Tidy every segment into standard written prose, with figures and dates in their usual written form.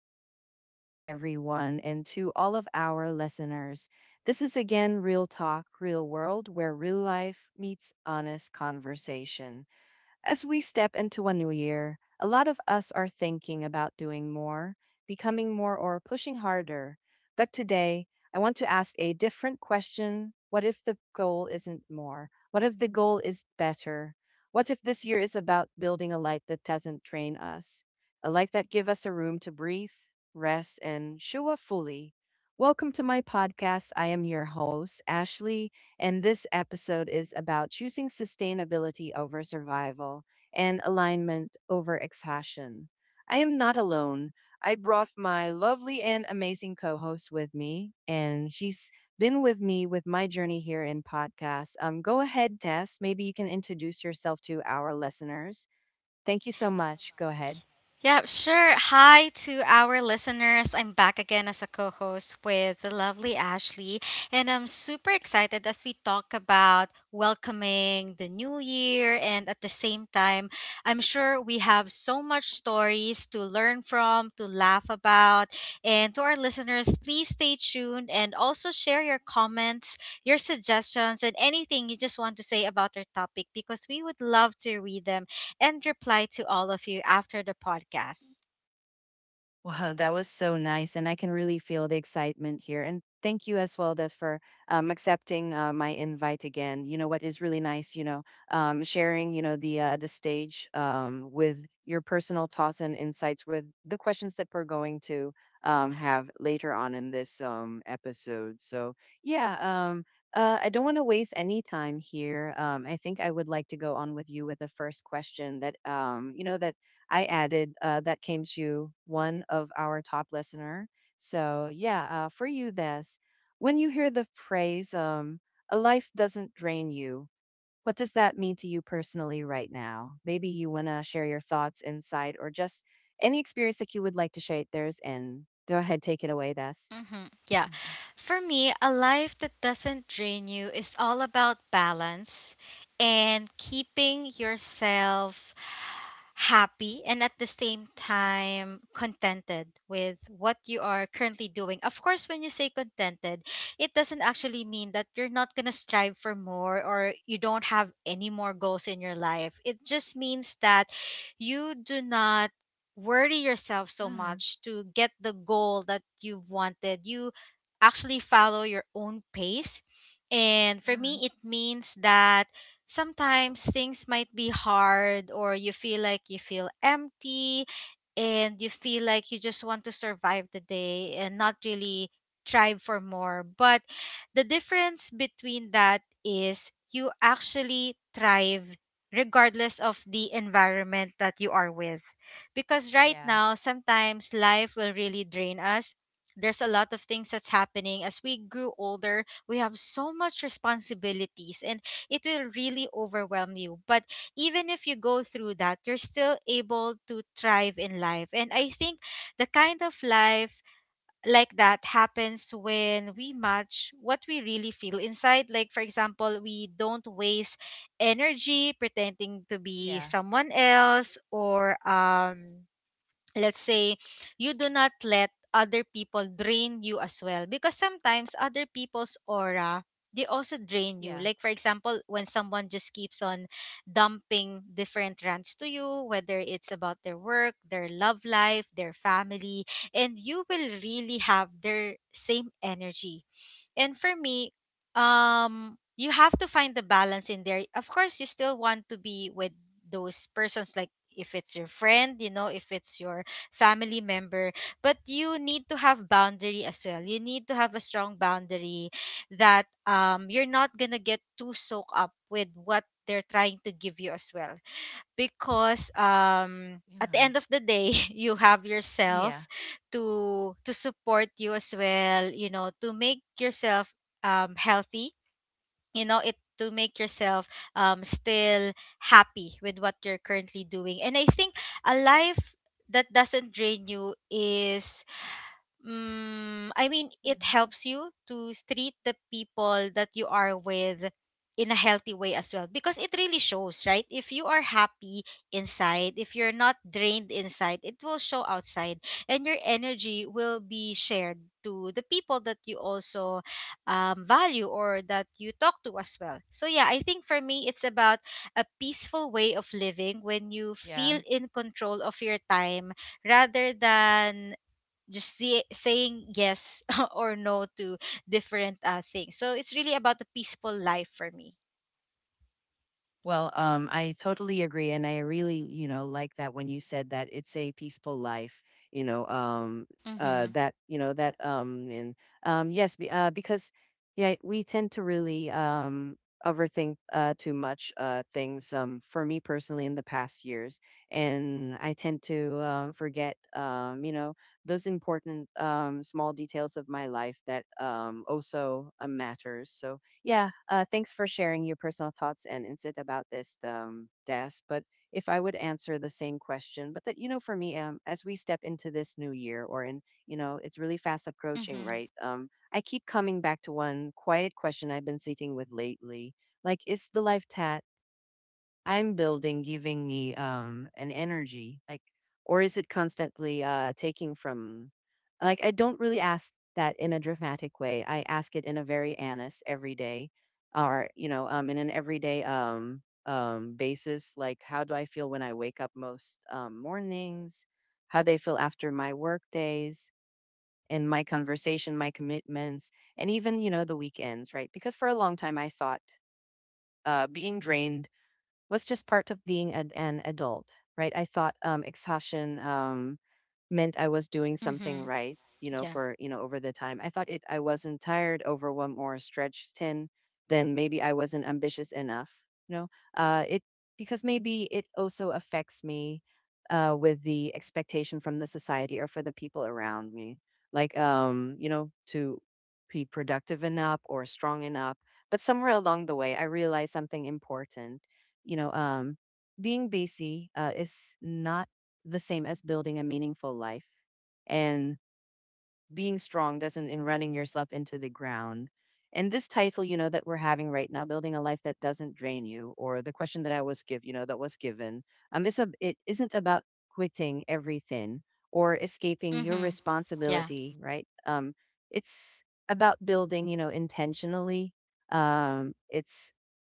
morning to everyone and to all of our listeners. This is again Real Talk, Real World, where real life meets honest conversation. As we step into a new year, a lot of us are thinking about doing more, becoming more, or pushing harder. But today, I want to ask a different question. What if the goal isn't more? What if the goal is better? What if this year is about building a light that doesn't drain us? A light that gives us a room to breathe, rest, and show up fully. Welcome to my podcast. I am your host, Ashley, and this episode is about choosing sustainability over survival and alignment over exhaustion. I am not alone. I brought my lovely and amazing co host with me, and she's been with me with my journey here in podcast. Go ahead, Tess. Maybe you can introduce yourself to our listeners. Thank you so much. Go ahead. Yeah, sure. Hi to our listeners. I'm back again as a co host with the lovely Ashley, and I'm super excited as we talk about welcoming the new year. And at the same time, I'm sure we have so much stories to learn from, to laugh about. And to our listeners, please stay tuned and also share your comments, your suggestions, and anything you just want to say about our topic because we would love to read them and reply to all of you after the podcast. Wow, that was so nice. And I can really feel the excitement here. And thank you as well that for accepting my invite again. You know what is really nice, sharing, the stage with your personal thoughts and insights with the questions that we're going to have later on in this episode. So yeah, um, I don't want to waste any time here. I think I would like to go on with you with the first question that I added that came to one of our top listener. So yeah, for you, this when you hear the phrase "a life doesn't drain you," what does that mean to you personally right now? Maybe you wanna share your thoughts, insight, or just any experience that you would like to share theirs in. Go ahead, take it away, Des. Mm-hmm. Yeah. Mhm. For me, a life that doesn't drain you is all about balance and keeping yourself happy and at the same time contented with what you are currently doing. Of course, when you say contented, it doesn't actually mean that you're not going to strive for more or you don't have any more goals in your life. It just means that you do not worry yourself so much to get the goal that you've wanted. You actually follow your own pace. And for me, it means that sometimes things might be hard or you feel like you feel empty and you feel like you just want to survive the day and not really strive for more. But the difference between that is you actually thrive regardless of the environment that you are with because right Yeah, now sometimes life will really drain us. There's a lot of things that's happening. As we grew older, we have so much responsibilities and it will really overwhelm you, but even if you go through that, you're still able to thrive in life. And I think the kind of life like that happens when we match what we really feel inside. Like, for example, we don't waste energy pretending to be yeah, someone else, or let's say you do not let other people drain you as well, because sometimes other people's aura, they also drain you. yeah, Like, for example, when someone just keeps on dumping different rants to you, whether it's about their work, their love life, their family, and you will really have their same energy. And for me, you have to find the balance in there. Of course, you still want to be with those persons, like if it's your friend, you know, if it's your family member, but you need to have boundary as well. You need to have a strong boundary that you're not gonna get too soaked up with what they're trying to give you as well, because at the yeah, end of the day you have yeah, yourself to support you as well, you know, to make yourself healthy, you know, it to make yourself still happy with what you're currently doing. And I think a life that doesn't drain you is I mean, it mhm. helps you to treat the people that you are with in a healthy way as well, because it really shows, right? If you are happy inside, if you're not drained inside, it will show outside and your energy will be shared to the people that you also value or that you talk to as well. So, yeah, I think for me, it's about a peaceful way of living when you Yeah. feel in control of your time rather than saying yes or no to different things. So it's really about the peaceful life for me. Well, I totally agree, and I really, you know, like that when you said that it's a peaceful life. You know, Mhm. that you know that, because yeah, we tend to really overthink too much things. For me personally, in the past years, and I tend to forget, those important small details of my life that also matters. So yeah, thanks for sharing your personal thoughts and insight about this death. But if I would answer the same question, but that you know, for me, as we step into this new year, or in you know, it's really fast approaching, Mhm. right? I keep coming back to one quiet question I've been sitting with lately. Like, is the life ta- I'm building giving me an energy like or is it constantly taking from like I don't really ask that in a dramatic way. I ask it in a very honest everyday or you know in an everyday basis. Like, how do I feel when I wake up most mornings? How they feel after my work days? And my conversation, my commitments, and even you know the weekends, right? Because for a long time I thought being drained was just part of being an adult, right? I thought exhaustion meant I was doing something Mhm. right, you know, Yeah. for, you know, over the time. I thought it, I wasn't tired, overwhelmed, or stretched thin, then maybe I wasn't ambitious enough, you know, uh, it, because maybe it also affects me with the expectation from the society or for the people around me, like, to be productive enough or strong enough. But somewhere along the way, I realized something important. You know, being busy is not the same as building a meaningful life, and being strong doesn't in running yourself into the ground. And this title, you know, that we're having right now, building a life that doesn't drain you, or the question that I was give, you know, that was given, it isn't about quitting everything or escaping your Mhm. Yeah. responsibility, right? It's about building, you know, intentionally. Um, it's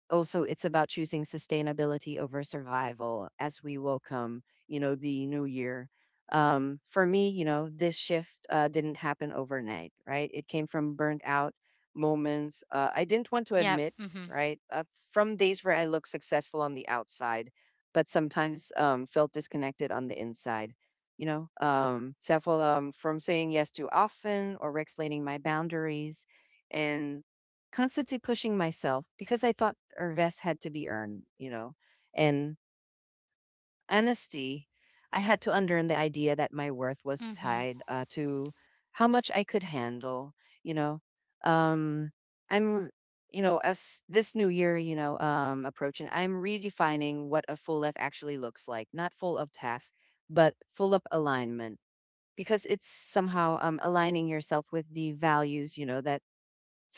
it's about choosing sustainability over survival as we welcome you know the new year. For me you know this shift didn't happen overnight. Right, it came from burnt out moments I didn't want to Yep. admit, Mhm. right. From days where I looked successful on the outside but sometimes felt disconnected on the inside, you know. Several From saying yes too often or explaining my boundaries and constantly pushing myself because I thought our rest had to be earned, you know. And honesty, I had to unlearn the idea that my worth was Mhm. tied to how much I could handle, you know. Um, I'm, you know, as this new year, you know, approaching, I'm redefining what a full life actually looks like, not full of tasks, but full of alignment because it's somehow aligning yourself with the values, you know, that's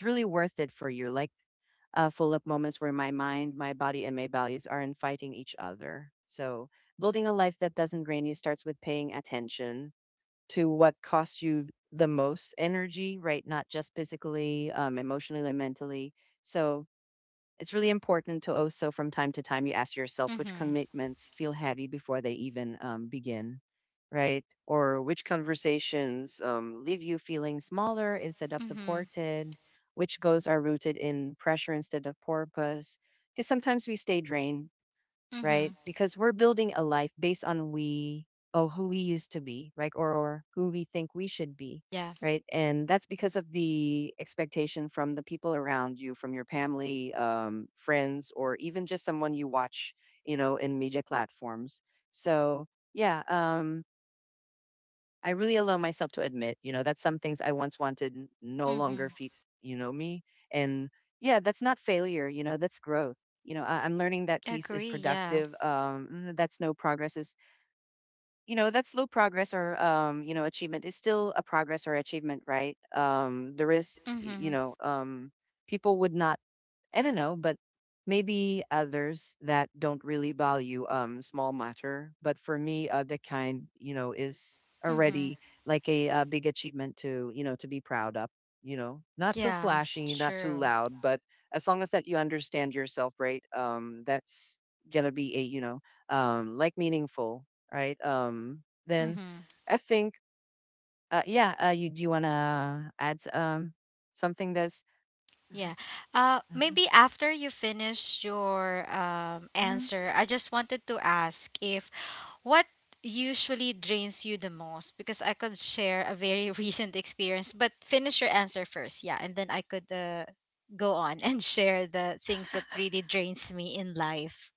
really worth it for you. Like full of moments where my mind, my body, and my values aren't fighting each other. So, building a life that doesn't drain you starts with paying attention to what costs you the most energy, right? Not just physically, emotionally, and mentally. So, it's really important to also, from time to time, you ask yourself which Mhm. commitments feel heavy before they even begin, right? Or which conversations leave you feeling smaller instead of Mhm. supported, which goals are rooted in pressure instead of purpose. Because sometimes we stay drained, right? Mhm. Because we're building a life based on we oh who we used to be, right? Or who we think we should be, Yeah. right? And that's because of the expectation from the people around you, from your family, friends, or even just someone you watch, you know, in media platforms. So yeah, I really allow myself to admit, you know, that some things I once wanted no longer Mhm. feed, you know, me. And yeah, that's not failure, you know, that's growth. You know, I'm learning that peace is Agree. Yeah. productive. That slow progress is, you know, that slow progress or, achievement is still a progress or achievement, right? There is, y- you Mhm. know, People would not, I don't know, but maybe others that don't really value small matter. But for me, the kind you know is Mhm. already like a big achievement to you know to be proud of. You know, not too Yeah. flashy, not too True. loud, but as long as that you understand yourself, right? That's gonna be a you know like meaningful, right? Then Mhm. I think yeah. You do you wanna add something that's Yeah. mhm, uh, Maybe after you finish your mhm. answer, I just wanted to ask if what usually drains you the most? Because I could share a very recent experience, but finish your answer first. Yeah. And then I could go on and share the things that really drains me in life.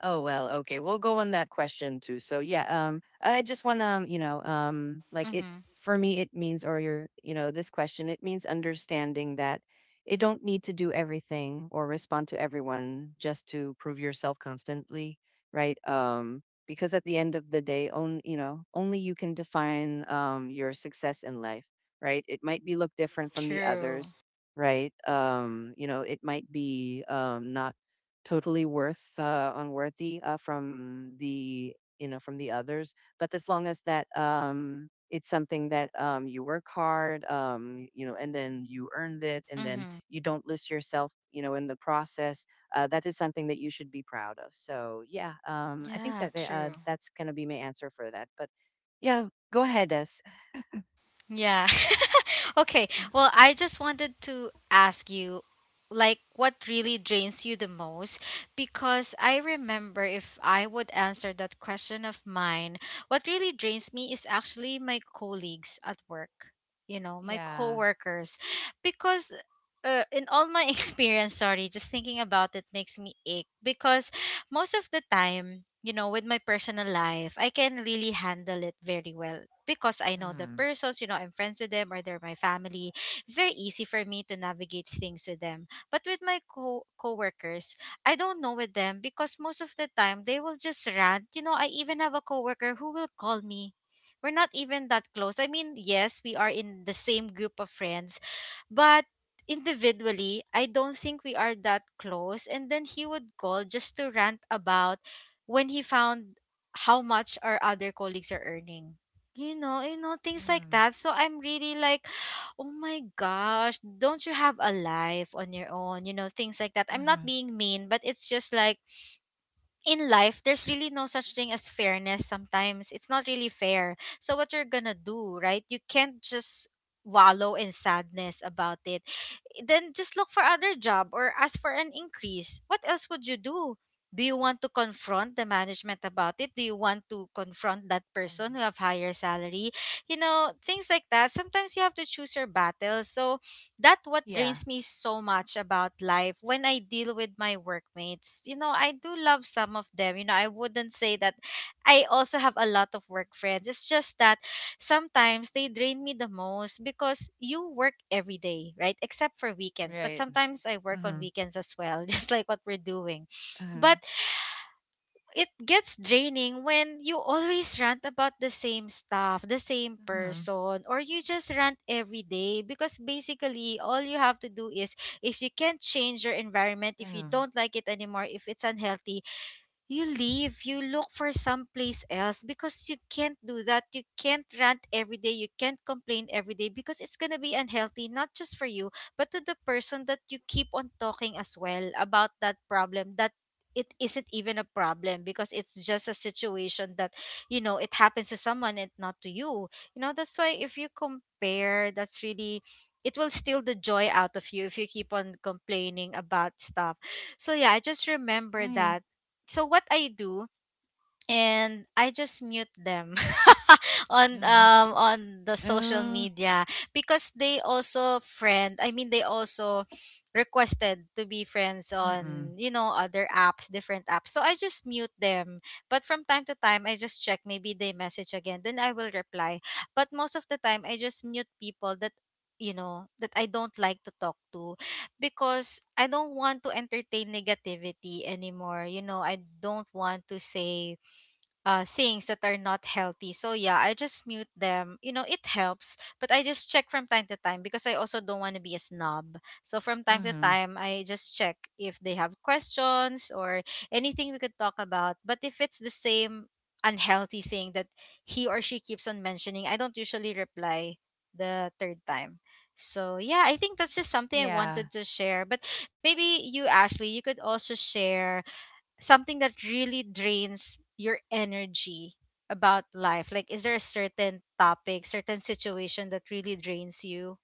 Oh well, okay. We'll go on that question too. So yeah, I just want to, you know, like it Mm-hmm. for me it means or your, you know, this question it means understanding that it don't need to do everything or respond to everyone just to prove yourself constantly, right? Because at the end of the day, only you know, only you can define your success in life, right? It might be look different from the True. others, right? You know, it might be not totally worth unworthy from the you know from the others, but as long as that it's something that you work hard you know and then you earned it and then Mm-hmm. you don't list yourself you know in the process. That is something that you should be proud of. So yeah, I think Yeah, that true. that's going to be my answer for that. But yeah, go ahead s. Yeah. Okay. Well, I just wanted to ask you, like, what really drains you the most? Because I remember if I would answer that question of mine, what really drains me is actually my colleagues at work, you know, my Yeah. coworkers. Because in all my experience, sorry, just thinking about it makes me ache. Because most of the time, you know, with my personal life, I can really handle it very well because I know the Mm. persons, you know, I'm friends with them or they're my family. It's very easy for me to navigate things with them. But with my co coworkers, I don't know with them because most of the time they will just rant. You know, I even have a coworker who will call me. We're not even that close. I mean, yes, we are in the same group of friends, but individually, I don't think we are that close. And then he would call just to rant about when he found how much our other colleagues are earning. You know, things like Mm. that. So I'm really like, oh my gosh, don't you have a life on your own? You know, things like that. I'm not Uh-huh. being mean, but it's just like in life, there's really no such thing as fairness sometimes. It's not really fair. So what you're gonna do, right? You can't just wallow in sadness about it, then just look for other job or ask for an increase. What else would you do? Do you want to confront the management about it? Do you want to confront that person Uh-huh. who have higher salary? You know, things like that. Sometimes you have to choose your battles. So that what Yeah. drains me so much about life when I deal with my workmates. You know, I do love some of them. You know, I wouldn't say that I also have a lot of work friends. It's just that sometimes they drain me the most because you work every day, right? Except for weekends. But Right. sometimes I work on Mm-hmm. weekends as well, just like what we're doing. Mm-hmm. But it gets draining when you always rant about the same stuff, the same person, or you just rant every day, because basically all you have to do is if you can't change your environment, if you Mm-hmm. don't like it anymore, if it's unhealthy, you leave, you look for someplace else. Because you can't do that. You can't rant every day, you can't complain every day, because it's going to be unhealthy, not just for you, but to the person that you keep on talking as well about that problem, that it isn't even a problem because it's just a situation that, you know, it happens to someone and not to you. You know, that's why if you compare, that's really, it will steal the joy out of you if you keep on complaining about stuff. So yeah, I just remember Yeah. that. So what I do, and I just mute them Yeah. On the social Uh, media, because they also friend, I mean, they also requested to be friends mm-mm. on, you know, other apps, different apps, so I just mute them. But from time to time I just check, maybe they message again, then I will reply. But most of the time I just mute people that, you know, that I don't like to talk to, because I don't want to entertain negativity anymore. You know, I don't want to say things that are not healthy. So yeah, I just mute them. You know, it helps, but I just check from time to time because I also don't want to be a snob. So from time to Mhm. time, I just check if they have questions or anything we could talk about. But if it's the same unhealthy thing that he or she keeps on mentioning, I don't usually reply the third time. So yeah, I think that's just something I Yeah. wanted to share. But maybe you, Ashley, you could also share something that really drains your energy about life? Like, is there a certain topic, certain situation that really drains you?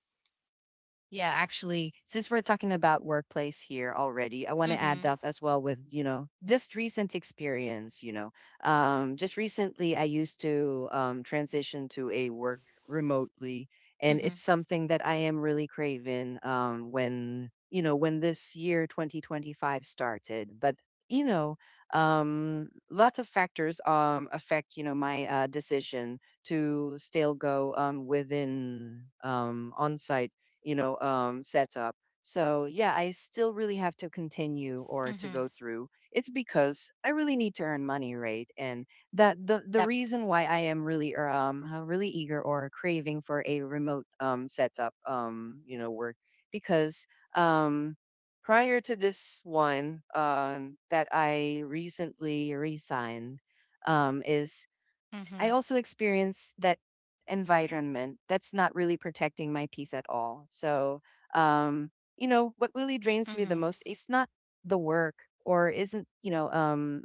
Yeah, actually, since we're talking about workplace here already, I want to add Mm-hmm. up as well with, you know, just recent experience, you know. Just recently, I used to transition to a work remotely, and Mm-hmm. it's something that I am really craving when, you know, when this year 2025 started. But, you know, lots of factors affect, you know, my decision to still go within on-site you know, setup. So yeah, I still really have to continue or to Mm-hmm. go through. It's because I really need to earn money, right? And that the Yep. reason why I am really really eager or craving for a remote setup you know work because um prior to this one that I recently resigned is Mm-hmm. I also experience that environment that's not really protecting my peace at all. So, um, you know, what really drains me the Mm-hmm. most is not the work or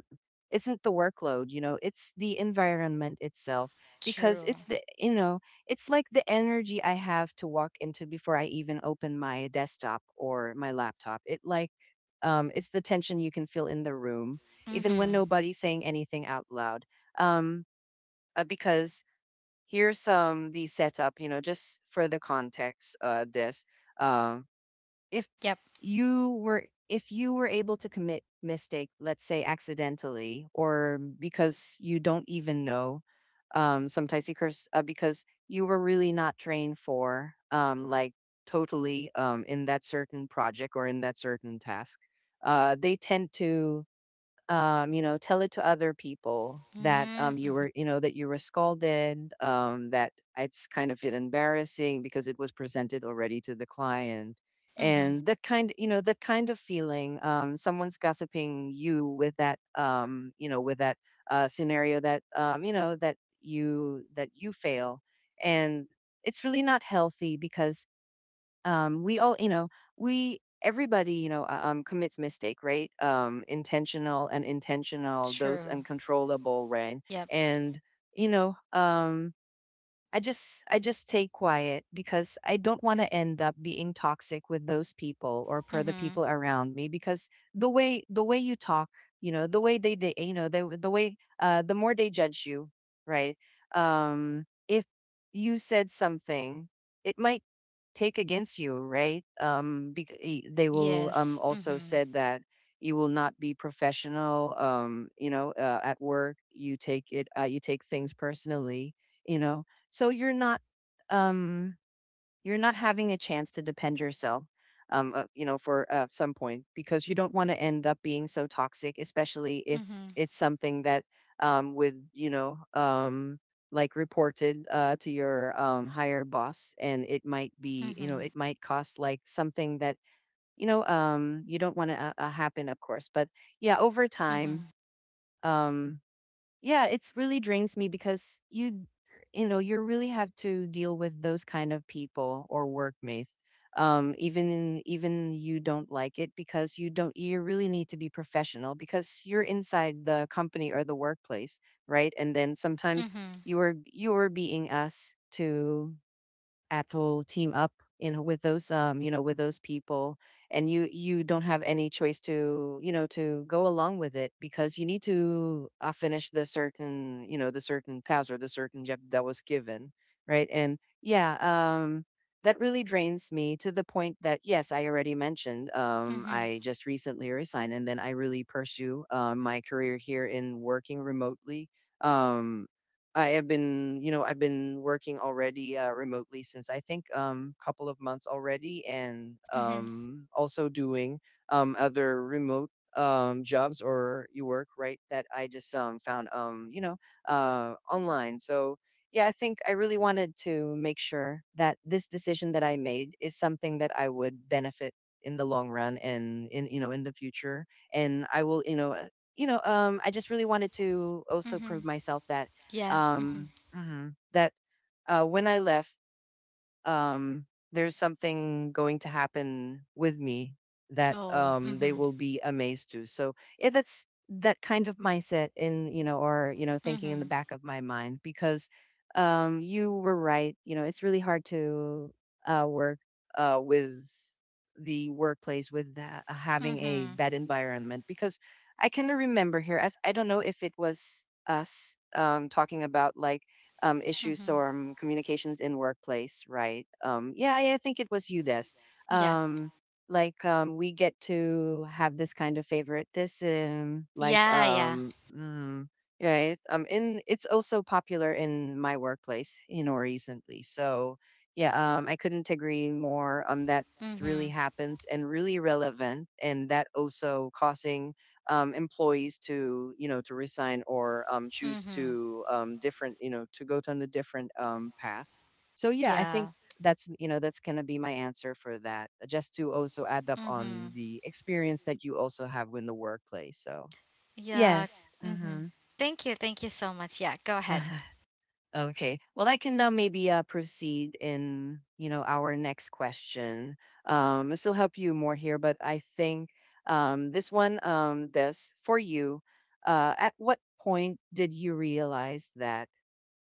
isn't the workload, you know, it's the environment itself because True. It's like the energy I have to walk into before I even open my desktop or my laptop. It like, it's the tension you can feel in the room, even when Mm-hmm. nobody's saying anything out loud. Um, because here's the setup, you know, just for the context. This um if Yep. you were if you were able to commit mistake, let's say accidentally, or because you don't even know. Sometimes you curse because you were really not trained for like totally in that certain project or in that certain task. They tend to you know, tell it to other people that, you Mm-hmm. were, you know, that you were scalded, that it's kind of embarrassing because it was presented already to the client, Mm-hmm. and that kind, you know, that kind of feeling. Someone's gossiping you with that, you know, with that scenario that, you know, that you fail, and it's really not healthy because we all, you know, we everybody, you know, commits mistake, right? Intentional and intentional, those True. uncontrollable, right? Yep. And, you know, I just stay quiet because I don't want to end up being toxic with those people or per the Mm-hmm. people around me, because the way you talk, you know, the way they, you know, the way the more they judge you, right? If you said something, it might take against you, right? They will Yes. also Mm-hmm. said that you will not be professional you know at work you take it you take things personally, you know. So um, you're not having a chance to depend yourself, you know, for some point, because you don't want to end up being so toxic, especially if Mm-hmm. it's something that, with you know, like reported to your higher boss, and it might be, you know, Mm-hmm. it might cost like something that you know, you don't want to happen, of course. But yeah, over time. Mm-hmm. Um, yeah, it's really drains me, because you know you really have to deal with those kind of people or workmates, even you don't like it, because you don't you really need to be professional because you're inside the company or the workplace, right? And then sometimes Mm-hmm. You are being asked to Apple team up, you know, with those, you know, with those people, and you don't have any choice to, you know, to go along with it, because you need to finish the certain, you know, the certain task or the certain job that was given, right? And yeah, that really drains me to the point that, yes, I already mentioned, Mm-hmm. I just recently resigned, and then I really pursue my career here in working remotely. Um I have been, you know, I've been working already remotely since I think couple of months already, and Mm-hmm. Also doing other remote jobs or you work, right, that I just found, you know, online. So yeah, I think I really wanted to make sure that this decision that I made is something that I would benefit in the long run and in, you know, in the future, and I will, you know, you know, I just really wanted to also Mm-hmm. prove myself that, Yeah. Mm-hmm. Mhm. that, when I left, there's something going to happen with me that, Oh. They Mm-hmm. will be amazed to. So it, that's that kind of mindset in, you know, or you know, thinking in the Mm-hmm. back of my mind, because, you were right. You know, it's really hard to work with the workplace with that, having a Mm-hmm. bad environment, because I can remember here as I don't know if it was us talking about like, issues Mm-hmm. or communications in workplace, right? Yeah, I think it was you this. Yeah. Um, like, we get to have this kind of favoritism, like, Yeah, yeah. Right? In it's also popular in my workplace, you know, recently. So yeah, I couldn't agree more on that. Really Mhm. happens and really relevant, and that also causing, employees to, you know, to resign, or choose Mhm. to, different, you know, to go down a different path. So yeah, I think Yeah. that's, you know, that's going to be my answer for that, just to also add up on Mhm. the experience that you also have in the workplace. So Yeah. yes. Mhm. Thank you. Thank you so much. Yeah, go ahead. Okay. Well, I can now maybe proceed in, you know, our next question. This will help you more here, but I think, this one, this for you. At what point did you realize that,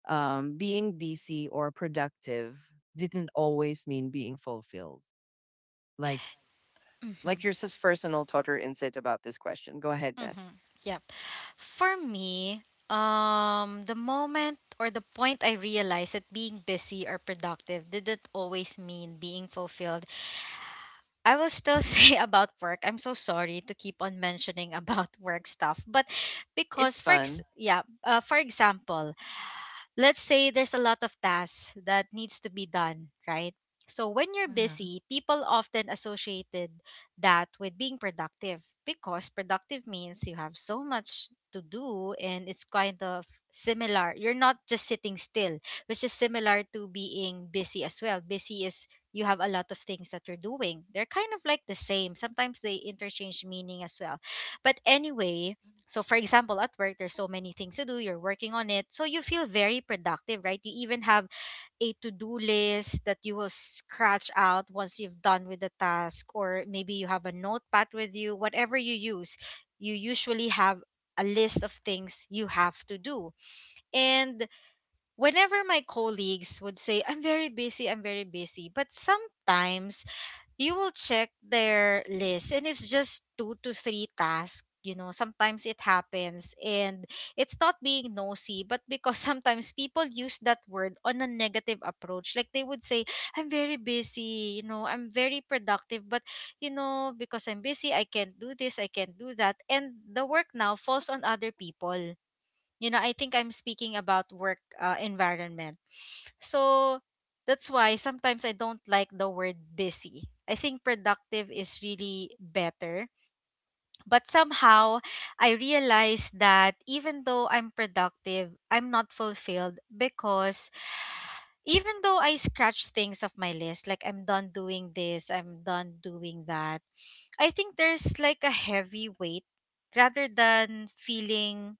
being busy or productive didn't always mean being fulfilled? Like, like Mhm. your sis personal tutor insight about this question. Go ahead, Ness. Mhm. Yep. For me, the moment or the point I realized that being busy or productive didn't always mean being fulfilled. I will still say about work. I'm so sorry to keep on mentioning about work stuff, but It's because for ex- fun. yeah, for example, let's say there's a lot of tasks that needs to be done, right? So when you're busy, people often associated that with being productive because productive means you have so much to do and it's kind of similar. You're not just sitting still, which is similar to being busy as well. Busy is you have a lot of things that you're doing. They're kind of like the same. Sometimes they interchange meaning as well. But anyway, so, for example, at work, there's so many things to do, you're working on it. So, you feel very productive, right? You even have a to do list that you will scratch out once you've done with the task, or maybe you have a notepad with you, whatever you use, you usually have a list of things you have to do. And whenever my colleagues would say, I'm very busy, but sometimes you will check their list and it's just two to three tasks, you know, sometimes it happens. And it's not being nosy, but because sometimes people use that word on a negative approach, like they would say, I'm very busy, you know, I'm very productive, but you know, because I'm busy, I can't do this, I can't do that, and the work now falls on other people. You know, I think I'm speaking about work environment. So that's why sometimes I don't like the word busy. I think productive is really better. But somehow I realize that even though I'm productive, I'm not fulfilled because even though I scratch things off my list, like I'm done doing this, I'm done doing that, I think there's like a heavy weight rather than feeling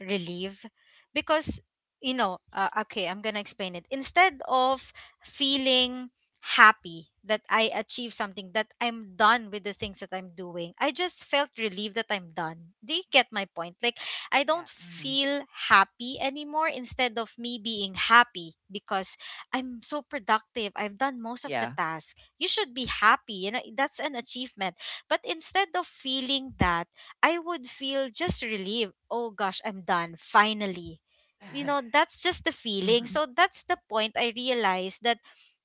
relief. Because okay, I'm gonna explain it. Instead of feeling happy that I achieved something, that I'm done with the things that I'm doing, I just felt relieved that I'm done. Do you get my point? Like, I Yeah. don't hmm feel happy anymore. Instead of me being happy because I'm so productive, I've done most of the Yeah. task, you should be happy, you know, that's an achievement. But instead of feeling that, I would feel just relieved. Oh gosh, I'm done finally. You know, that's just the feeling. So that's the point I realized that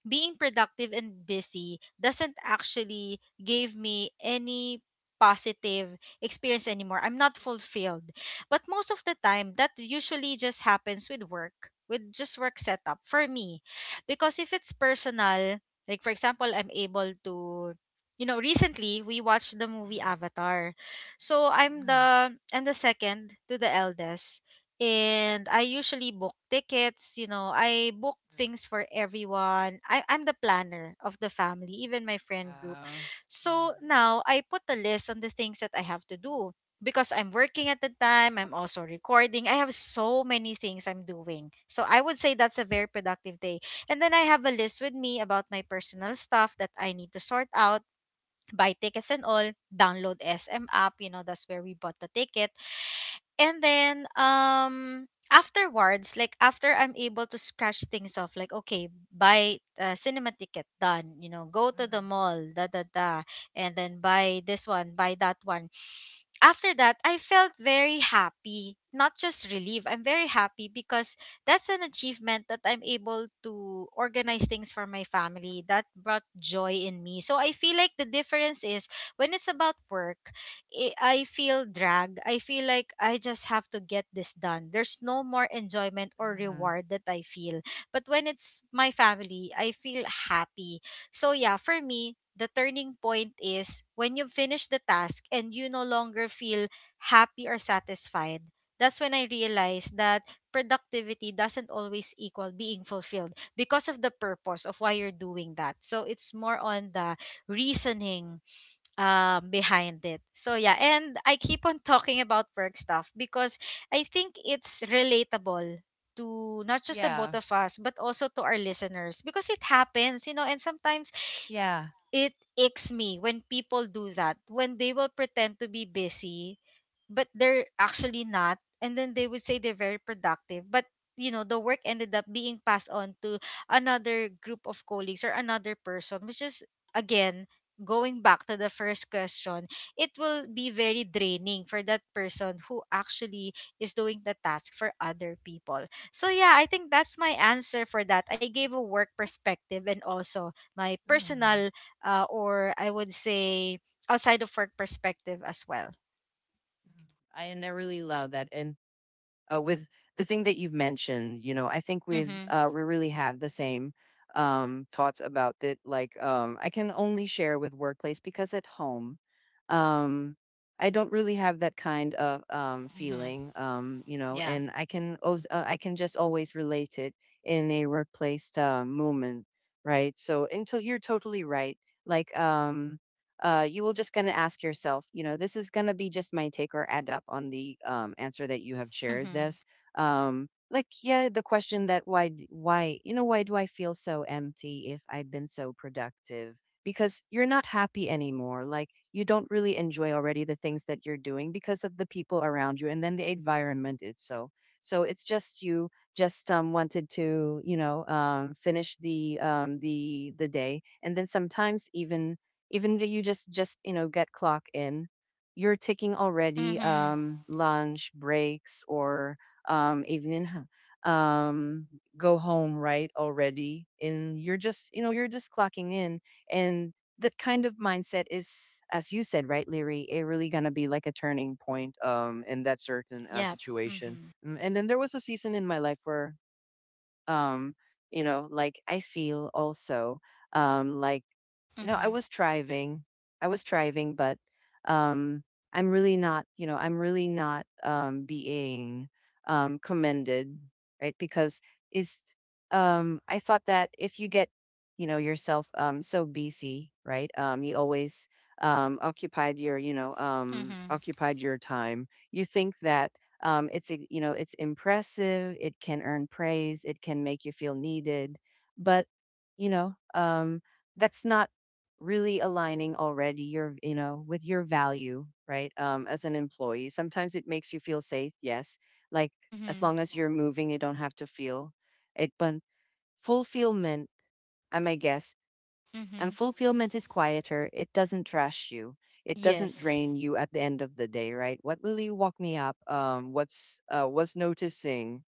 being productive and busy doesn't actually give me any positive experience anymore. I'm not fulfilled. But most of the time, that usually just happens with work, with just work setup for me. Because if it's personal, like for example, I'm able to, you know, recently we watched the movie hmm Avatar, so I'm the second to the eldest. And I usually book tickets, you know, I book things for everyone. I'm the planner of the family, even my friend group. Uh, mm, So now I put a list on the things that I have to do because I'm working at the time, I'm also recording. I have so many things I'm doing. So I would say that's a very productive day. And then I have a list with me about my personal stuff that I need to sort out, buy tickets and all, download SM app, you know, that's where we bought the ticket. And then afterwards, like after I'm able to scratch things off, like okay, buy a cinema ticket done, you know, go to the mhm, mall da da da, and then buy this one, buy that one. After that, I felt very happy, not just relieved. I'm very happy because that's an achievement, that I'm able to organize things for my family. That brought joy in me. So I feel like the difference is, when it's about work, I feel drag. I feel like I just have to get this done. There's no more enjoyment or mhm. reward that I feel. But when it's my family, I feel happy. So yeah, for me, the turning point is when you finish the task and you no longer feel happy or satisfied. That's when I realized that productivity doesn't always equal being fulfilled, because of the purpose of why you're doing that. So it's more on the reasoning behind it. So yeah, and I keep on talking about work stuff because I think it's relatable to not just the both Yeah. of us but also to our listeners, because it happens, you know, and sometimes Yeah. it icks me when people do that, when they will pretend to be busy but they're actually not, and then they would say they're very productive, but you know, the work ended up being passed on to another group of colleagues or another person, which is, again, going back to the first question, it will be very draining for that person who actually is doing the task for other people. So yeah, I think that's my answer for that. I gave a work perspective and also my mhm, personal, or I would say outside of work perspective as well. mhm. I and I really love that. And with the thing that you've mentioned, you know, I think we really have the same thoughts about it. Like, I can only share with workplace, because at home, um, I don't really have that kind of Mm-hmm. feeling, you know, Yeah. and I can just always relate it in a workplace moment, right? So until you're totally right. Like, you will just going to ask yourself, you know, this is going to be just my take or add up on the, answer that you have shared this. Mm-hmm. Like, yeah, the question that why, why, you know, why do I feel so empty if I've been so productive? Because you're not happy anymore. Like, you don't really enjoy already the things that you're doing because of the people around you and then the environment itself. So it's just you just, wanted to, you know, finish the the day. And then sometimes even though you just you know get clock in, you're taking already Mm-hmm. Lunch breaks or evening, go home right already, and you're just you know you're just clocking in, and that kind of mindset is, as you said, right, leary, it really gonna be like a turning point in that certain Yeah. situation. Mm-hmm. Mm, and then there was a season in my life where, um you know, like I feel also, like, you know, I Mm-hmm. was striving. But, um, I'm really not, you know, I'm really not, being, commended, right? Because is, I thought that if you get, you know, yourself, so busy, right? You always, occupied your, you know, Mm-hmm. occupied your time. You think that, it's, you know, it's impressive. It can earn praise. It can make you feel needed, but, you know, that's not really aligning already your you know with your value, right? As an employee, sometimes it makes you feel safe, yes, like, as Mm-hmm. long as you're moving you don't have to feel it, but fulfillment, I my guess, and Mm-hmm. fulfillment is quieter. It doesn't trash you. It doesn't Yes. drain you at the end of the day, right? What really woke me up, what's was noticing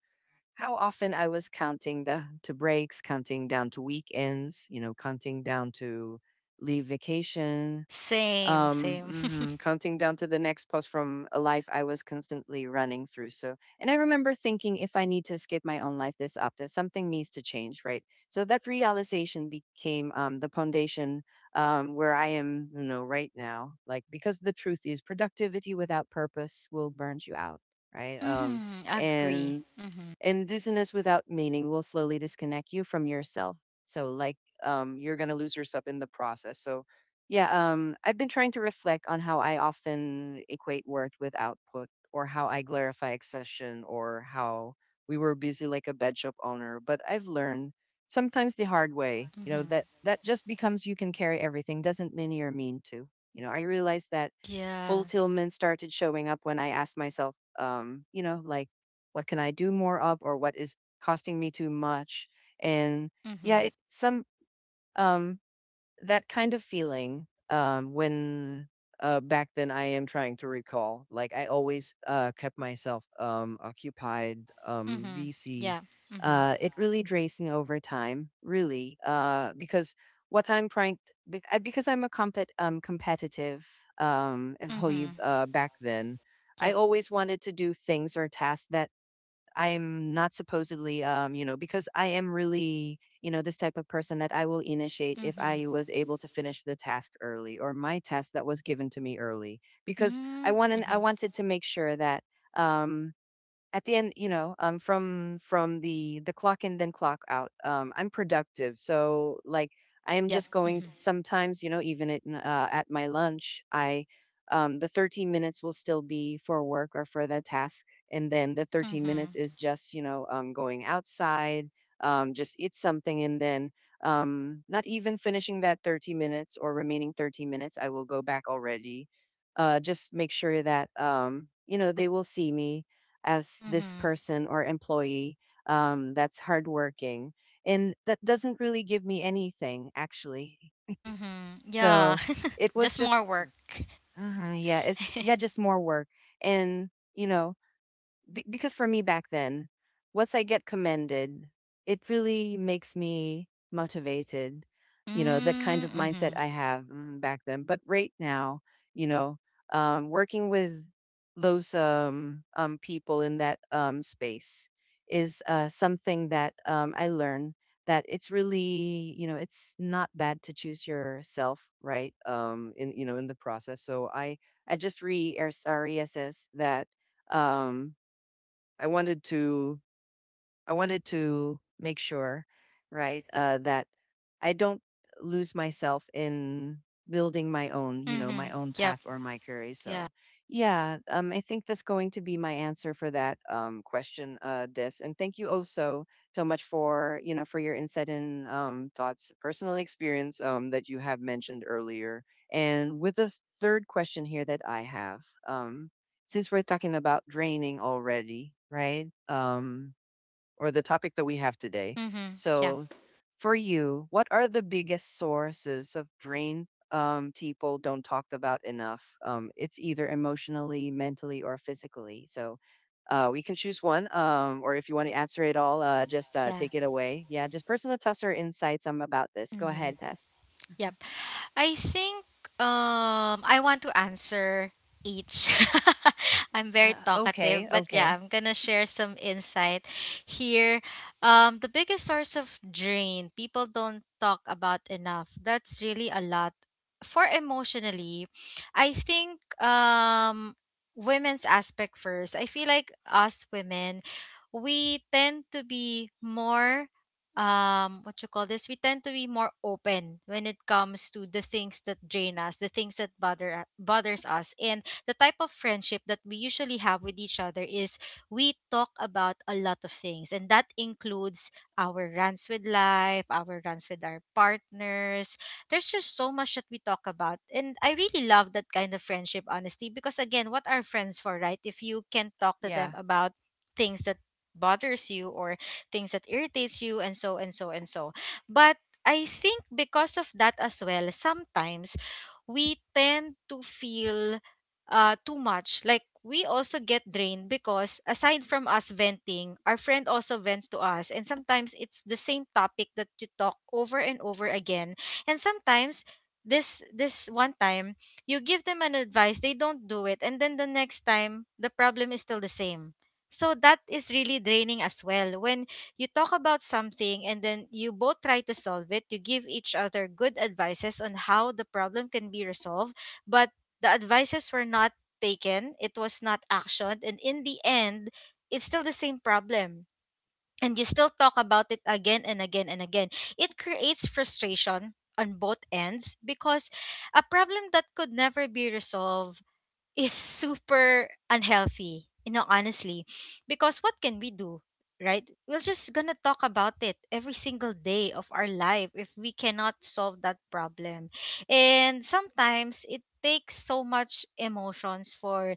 how often I was counting the to breaks, counting down to weekends, you know, counting down to leave vacation, Same. Same. mhm, counting down to the next post from a life I was constantly running through. So, and I remember thinking, if I need to escape my own life this up, that something needs to change, right? So that realization became, the foundation, where I am, you know, right now. Like, because the truth is productivity without purpose will burn you out, right? Mm-hmm. Agree. And Mm-hmm. Indigenous without meaning will slowly disconnect you from yourself. So like, you're gonna lose yourself in the process. So yeah, I've been trying to reflect on how I often equate worth with output, or how I glorify accession, or how we were busy like a bed shop owner. But I've learned, sometimes the hard way, you know, Mm-hmm. that that just becomes you can carry everything doesn't linear mean to. You know, I realized that Yeah. fulfillment started showing up when I asked myself, you know, like, what can I do more of, or what is costing me too much? And Mm-hmm. yeah, it, some um, that kind of feeling when back then I am trying to recall. Like I always kept myself occupied, Mm-hmm. busy. Yeah. Mm-hmm. It really drains me over time, really, because what I'm trying t- be- because I'm a competitive and holy Mm-hmm. Back then. I Yep. always wanted to do things or tasks that I'm not supposedly, you know, because I am really, you know, this type of person that I will initiate if Mm-hmm. I was able to finish the task early or my task that was given to me early, because I Mm-hmm. want I Mm-hmm. wanted to make sure that um, at the end, you know, from the clock in then clock out, I'm productive. So like I am Yep. just going Mm-hmm. sometimes, you know, even at my lunch, I the 13 minutes will still be for work or for the task, and then the 13 minutes Mm-hmm. is just, you know, going outside, just eat something, and then not even finishing that 30 minutes or remaining 30 minutes, I will go back already. Just make sure that you know they will see me as this Mm-hmm. person or employee that's hardworking. And that doesn't really give me anything, actually. Mm-hmm. Yeah. So it was Just just, more work. Yeah, it's, yeah, just more work. And, you know, be because for me back then, once I get commended, it really makes me motivated. You know, the kind of mindset Mm-hmm. I have back then. But right now, you know, working with those people in that space is something that I learn that it's really, you know, it's not bad to choose yourself, right? In you know, in the process. I just re reassess that. Um, I wanted to I wanted to make sure, right, that I don't lose myself in building my own, you know, Mm-hmm. my own Yep. path or my career. Yeah. So, yeah, I think that's going to be my answer for that question, Des. And thank you also so much for, you know, for your insight and thoughts, personal experience that you have mentioned earlier. And with the third question here that I have, um, since we're talking about draining already, right? Or the topic that we have today. Mm-hmm. Yeah. So, for you, what are the biggest sources of drain people don't talk about enough? It's either emotionally, mentally, or physically. So, we can choose one, or if you want to answer it all, just Yeah. take it away. Yeah, just personal Tess or insights about this. Go Mhm. ahead, Tess. Mhm. Yep. I think I want to answer each. I'm very Okay, talkative, but yeah, okay. I'm gonna share some insight here. The biggest source of drain people don't talk about enough. That's really a lot. For emotionally, I think women's aspect first. I feel like us women, we tend to be more what you call this we tend to be more open when it comes to the things that drain us, the things that bothers us, and the type of friendship that we usually have with each other is we talk about a lot of things, and that includes our runs with life, our runs with our partners. There's just so much that we talk about, and I really love that kind of friendship, honestly, because again, what are friends for, right? If you can talk to them Yeah. about things that bothers you or things that irritates you and so and so and so. But I think because of that as well, sometimes we tend to feel too much. Like, we also get drained because aside from us venting, our friend also vents to us, and sometimes it's the same topic that you talk over and over again. And sometimes, this one time, you give them an advice, they don't do it, and then the next time the problem is still the same. So that is really draining as well, when you talk about something and then you both try to solve it, you give each other good advices on how the problem can be resolved, but the advices were not taken, it was not actioned, and in the end it's still the same problem. And you still talk about it again and again and again. It creates frustration on both ends because a problem that could never be resolved is super unhealthy, you know, honestly, because what can we do, right? We're just gonna talk about it every single day of our life if we cannot solve that problem. And sometimes it takes so much emotions for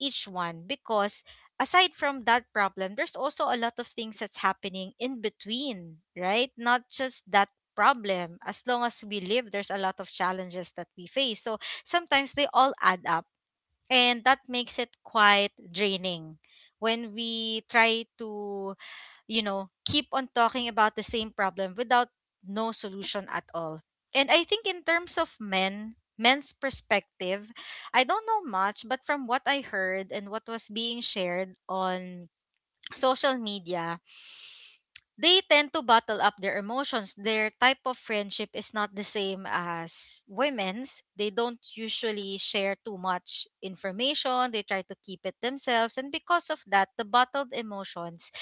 each one because aside from that problem, there's also a lot of things that's happening in between, right, not just that problem. As long as we live, there's a lot of challenges that we face, so sometimes they all add up, and that makes it quite draining when we try to, you know, keep on talking about the same problem without no solution at all. And I think in terms of men's perspective, I don't know much, but from what I heard and what was being shared on social media, they tend to bottle up their emotions. Their type of friendship is not the same as women's. They don't usually share too much information. They try to keep it themselves. And because of that, the bottled emotions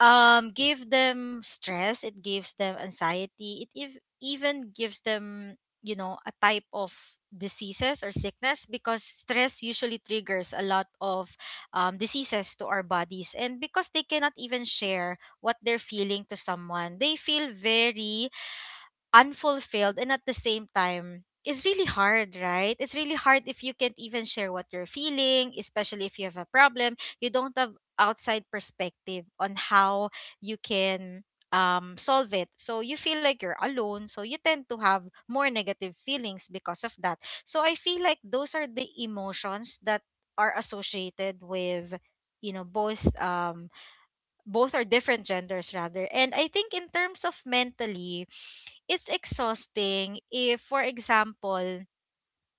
give them stress, it gives them anxiety, it even gives them, you know, a type of diseases or sickness, because stress usually triggers a lot of diseases to our bodies. And because they cannot even share what they're feeling to someone, they feel very unfulfilled, and at the same time, it's really hard, right? It's really hard if you can't even share what you're feeling, especially if you have a problem. You don't have outside perspective on how you can solve it, so you feel like you're alone. So you tend to have more negative feelings because of that. So I feel like those are the emotions that are associated with, you know, both are different genders rather. And I think in terms of mentally, it's exhausting if, for example,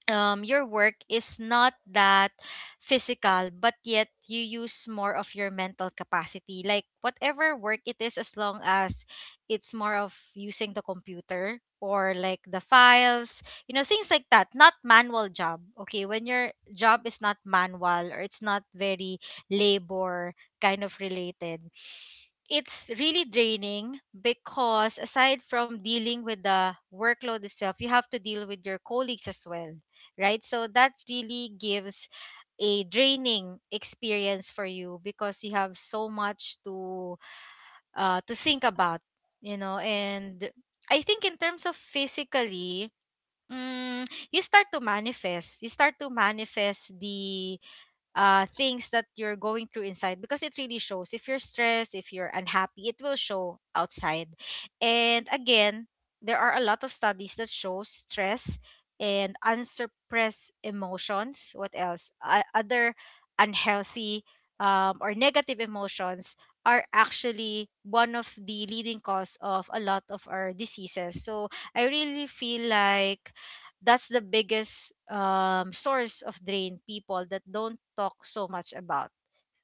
your work is not that physical, but yet you use more of your mental capacity. Like whatever work it is, as long as it's more of using the computer or like the files, you know, things like that, not manual job. Okay, when your job is not manual or it's not very labor kind of related, it's really draining because aside from dealing with the workload itself, you have to deal with your colleagues as well, right? So that really gives a draining experience for you because you have so much to think about, you know. And I think in terms of physically, mm, you start to manifest. You start to manifest the things that you're going through inside because it really shows. If you're stressed, if you're unhappy, it will show outside. And again, there are a lot of studies that show stress and unsuppressed emotions. What else? Other unhealthy or negative emotions are actually one of the leading cause of a lot of our diseases. So I really feel like that's the biggest source of drain people that don't talk so much about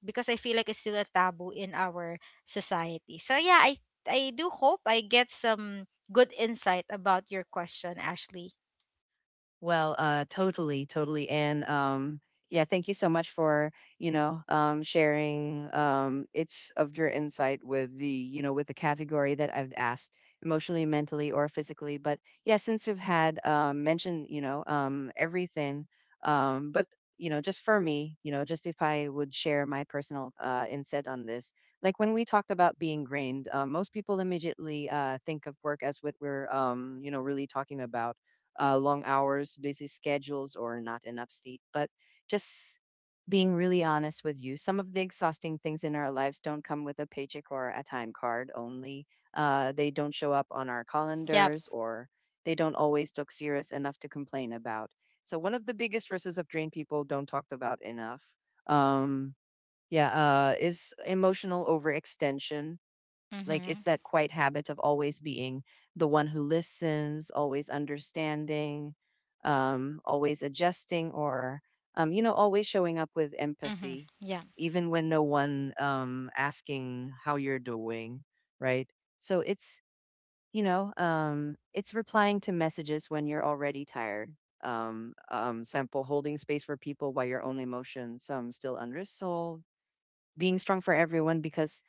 because I feel like it's still a taboo in our society. So yeah, I do hope I get some good insight about your question, Ashley. Well, totally, totally, and yeah, thank you so much for you know sharing it's of your insight with the you know with the category that I've asked emotionally, mentally, or physically. But yeah, since you've had mentioned you know everything, but you know just for me, you know just if I would share my personal insight on this, like when we talked about being drained, most people immediately think of work as what we're you know really talking about long hours, busy schedules, or not enough sleep. But just being really honest with you, some of the exhausting things in our lives don't come with a paycheck or a time card only. They don't show up on our Yep. calendars or they don't always look serious enough to complain about. So, one of the biggest sources of drain people don't talk about enough um, yeah, is emotional overextension. Like it's Mhm. that quiet habit of always being the one who listens, always understanding, always adjusting, or you know, always showing up with Mhm. empathy, Yeah. even when no one asking how you're doing, right? So it's you know, it's replying to messages when you're already tired. Simple holding space for people while your own emotions still unresolved being strong for everyone because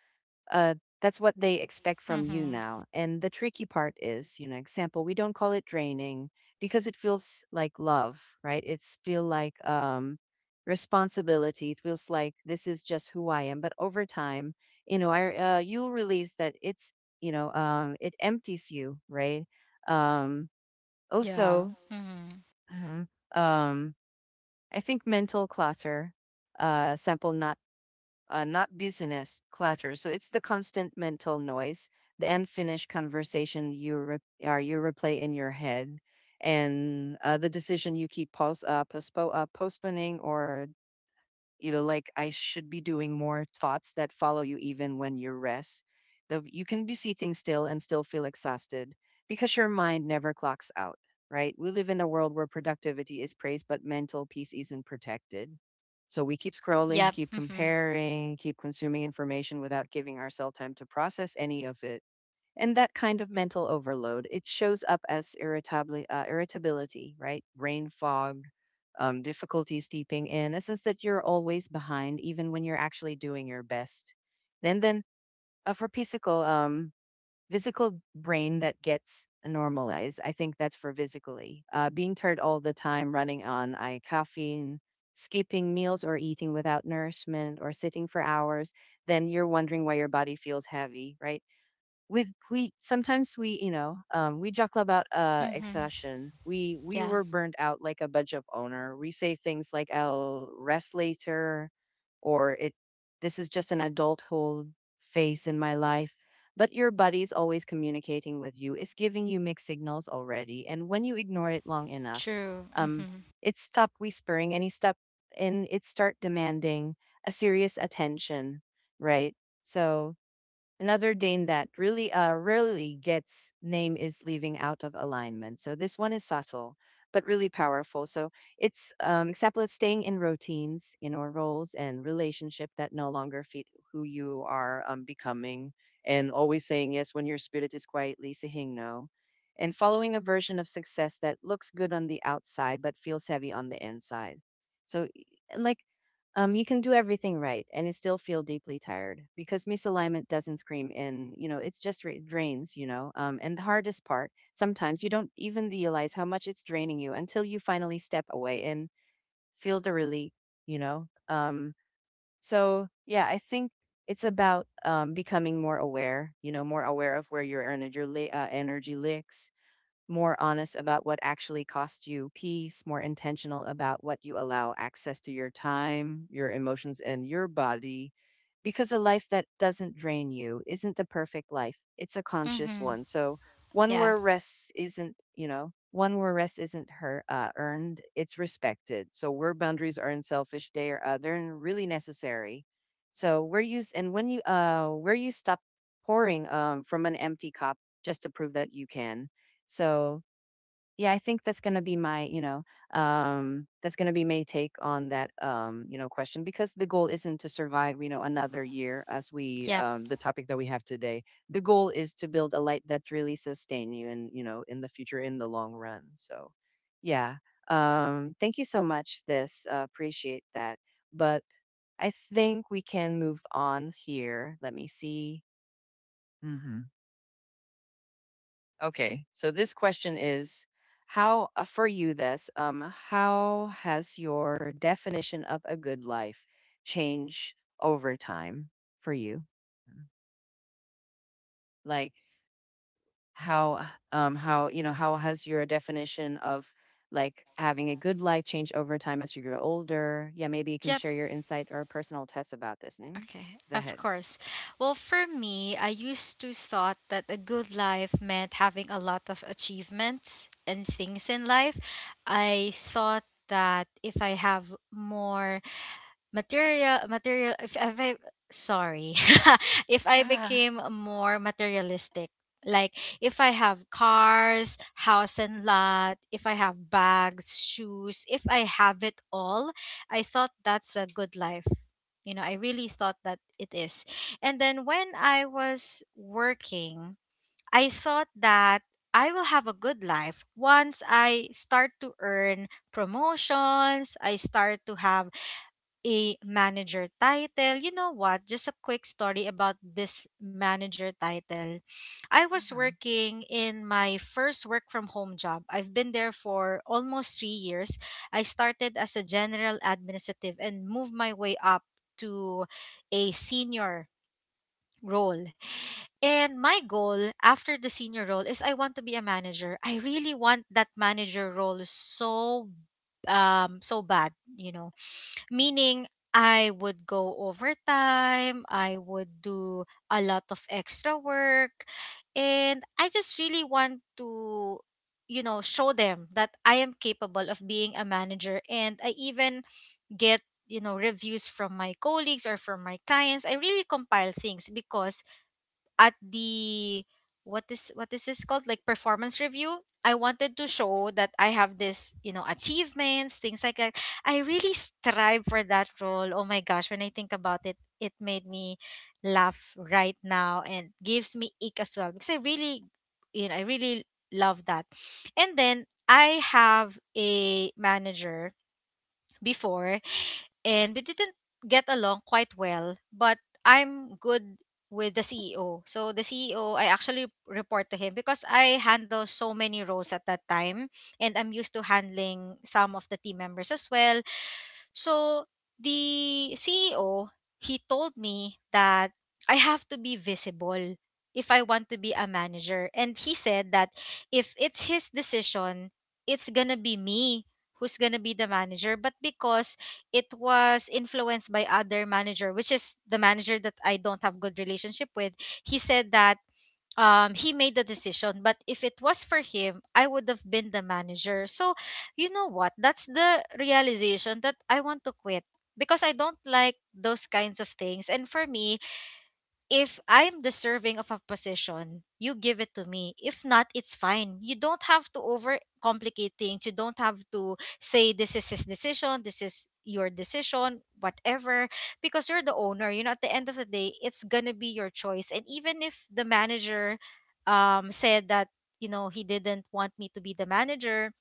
uh, that's what they expect from you Mhm. now. And the tricky part is, you know, example, we don't call it draining because it feels like love, right? It's feel like responsibility. It feels like this is just who I am. But over time, you know, I you'll realize that it's, you know, it empties you, right? Um, Yeah. Also, Mhm. Mhm. um, I think mental clutter, sample not not business clutter. So it's the constant mental noise, the unfinished conversation are you replay in your head, and the decision you keep postponing or you know like I should be doing more thoughts that follow you even when you rest. You can be sitting still and still feel exhausted because your mind never clocks out, right? We live in a world where productivity is praised but mental peace isn't protected. So we keep scrolling, Yep. keep Mhm. comparing, keep consuming information without giving ourselves time to process any of it. And that kind of mental overload, it shows up as irritability, right? Brain fog, difficulty steeping in, a sense that you're always behind, even when you're actually doing your best. And then for physical, physical brain that gets normalized, I think that's for physically. Being tired all the time, running on I caffeine, skipping meals or eating without nourishment, or sitting for hours, then you're wondering why your body feels heavy, right? with We sometimes we, you know, we joke about Mhm. exhaustion, we Yeah. were burned out like a budget owner. We say things like I'll rest later, or it this is just an adulthood phase in my life. But your body's always communicating with you, it's giving you mixed signals already, and when you ignore it long enough, True. um Mhm. it stopped whispering and it start demanding a serious attention, right? So another Dane that really rarely gets name is leaving out of alignment. So this one is subtle, but really powerful. So it's example, it's staying in routines, in or roles and relationship that no longer fit who you are becoming, and always saying yes when your spirit is quietly saying no, and following a version of success that looks good on the outside but feels heavy on the inside. So, like you can do everything right and it still feel deeply tired because misalignment doesn't scream in, you know, it's just it drains, you know. And the hardest part, sometimes you don't even realize how much it's draining you until you finally step away and feel the relief, you know. So yeah, I think it's about becoming more aware, you know, more aware of where your energy licks, more honest about what actually costs you peace, more intentional about what you allow access to your time, your emotions, and your body. Because a life that doesn't drain you isn't a perfect life, it's a conscious Mhm. one. So, one Yeah. where rest isn't, you know, one where rest isn't earned, it's respected. So, where boundaries are unselfish, they are they're really necessary. So, where you s- and when you where you stop pouring from an empty cup just to prove that you can, so, yeah, I think that's going to be my, you know, that's going to be my take on that, you know, question because the goal isn't to survive, you Mhm. know, another year as we, Yep. The topic that we have today. The goal is to build a light that really sustain you and, you know, in the future, in the long run. So, yeah, thank you so much. This appreciate that, but I think we can move on here. Let me see. Hmm Okay. So this question is how for you this how has your definition of a good life changed over time for you? Mhm. Mm, Yeah. like Mhm. Go how ahead. How you know how has your definition of like having a good life changed over time as you grow older? Yeah, maybe you can Yep. share your insight or personal test about this. Mm? Okay, Go of ahead. course. Well, for me, I used to thought that a good life meant having a lot of achievements and things in life. I thought that if I have more material material if I sorry if I Ah, became more materialistic, like if I have cars, house and lot, if I have bags, shoes, if I have it all, I thought that's a good life. You know, I really thought that it is. And then when I was working, I thought that I will have a good life once I start to earn promotions, I start to have a manager title. You know what? Just a quick story about this manager title. I was mhm. working in my first work from home job. I've been there for almost 3 years. I started as a general administrative and moved my way up to a senior role. And my goal after the senior role is I want to be a manager. I really want that manager role so so bad, you know. Meaning, I would go overtime, I would do a lot of extra work, and I just really want to, you know, show them that I am capable of being a manager. And I even get, you know, reviews from my colleagues or from my clients. I really compile things because at the what is this called, like performance review, I wanted to show that I have this, you know, achievements, things like that. I really strive for that role. Oh my gosh, when I think about it, it made me laugh right now and gives me ick as well because I really, you know, I really love that. And then I have a manager before, and we didn't get along quite well, but I'm good with the CEO. So the CEO, I actually report to him because I handle so many roles at that time and I'm used to handling some of the team members as well. So the CEO, he told me that I have to be visible if I want to be a manager. And he said that if it's his decision, it's going to be me who's going to be the manager. But because it was influenced by other manager, which is the manager that I don't have good relationship with, he said that he made the decision, but if it was for him I would have been the manager. So, you know what, that's the realization that I want to quit because I don't like those kinds of things. And for me, if I'm deserving of a position, you give it to me. If not, it's fine. You don't have to overcomplicate things. You don't have to say this is his decision, this is your decision, whatever, because you're the owner. You know, at the end of the day, it's gonna be your choice. And even if the manager said that, you know, he didn't want me to be the manager,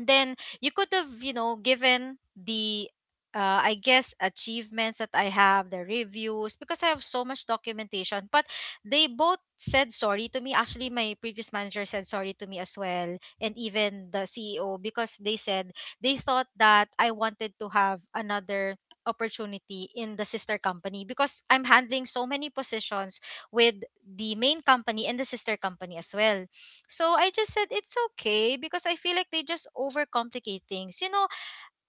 then you could have, you know, given the I guess achievements that I have, the reviews, because I have so much documentation. But they both said sorry to me, actually. My previous manager said sorry to me as well, and even the CEO, because they said they thought that I wanted to have another opportunity in the sister company because I'm handling so many positions with the main company and the sister company as well. So I just said it's okay because I feel like they just overcomplicate things. You know,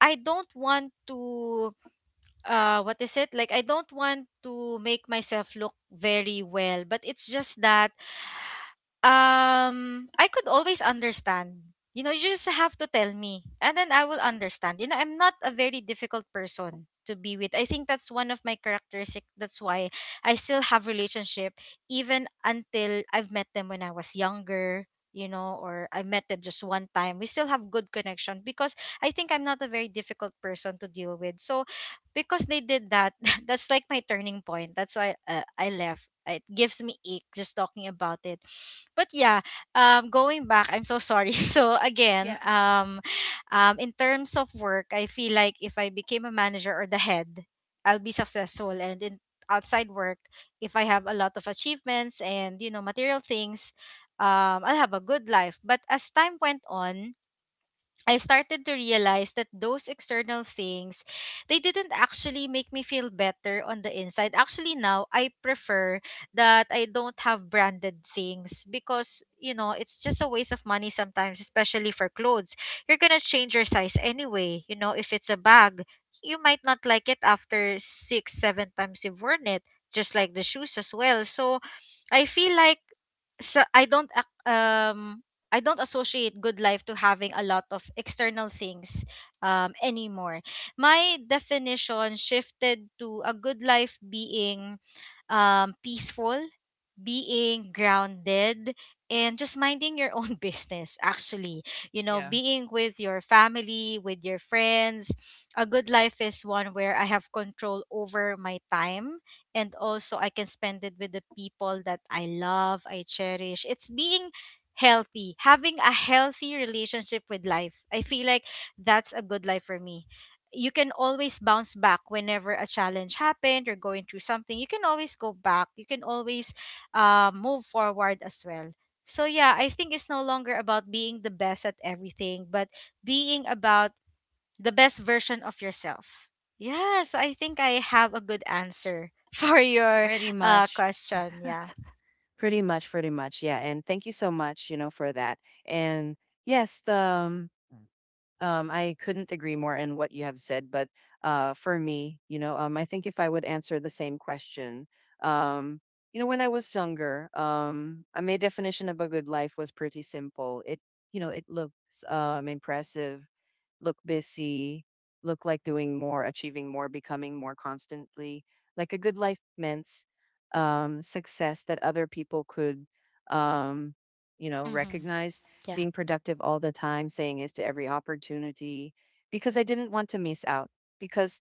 I don't want to what is it? Like I don't want to make myself look very well, but it's just that I could always understand. You know, you just have to tell me, and then I will understand. You know, I'm not a very difficult person to be with. I think that's one of my characteristic. That's why I still have relationship even until I've met them when I was younger. You know, or I met them just one time. We still have good connection because I think I'm not a very difficult person to deal with. So, because they did that, that's like my turning point. That's why I left. It gives me ache just talking about it, but yeah, going back, I'm so sorry. So again, Yeah. um, um, in terms of work, I feel like if I became a manager or the head, I'll be successful. And in outside work, if I have a lot of achievements and, you know, material things, I'll have a good life. But as time went on, I started to realize that those external things, they didn't actually make me feel better on the inside. Actually, now I prefer that I don't have branded things because, you know, it's just a waste of money sometimes, especially for clothes. You're going to change your size anyway. You know, if it's a bag, you might not like it after six, seven times you've worn it, just like the shoes as well. So I feel like, so I don't ac- um I don't associate good life to having a lot of external things anymore. My definition shifted to a good life being peaceful, being grounded, and just minding your own business, actually. You know, Yeah, being with your family, with your friends. A good life is one where I have control over my time, and also I can spend it with the people that I love, I cherish. It's being healthy, having a healthy relationship with life. I feel like that's a good life for me. You can always bounce back whenever a challenge happened or going through something. You can always go back, you can always move forward as well. So yeah, I think it's no longer about being the best at everything, but being about the best version of yourself. Yeah, so I think I have a good answer for your pretty much. question. Yeah. Pretty much, pretty much. Yeah. And thank you so much, you know, for that. And yes, I couldn't agree more in what you have said, but for me, you know, I think if I would answer the same question, um, you know, when I was younger, my definition of a good life was pretty simple. You know, it looks impressive, look busy, look like doing more, achieving more, becoming more constantly. Like a good life means success that other people could, um, you know, Mm-hmm. recognize. Yeah. Being productive all the time, saying yes to every opportunity, because I didn't want to miss out. Because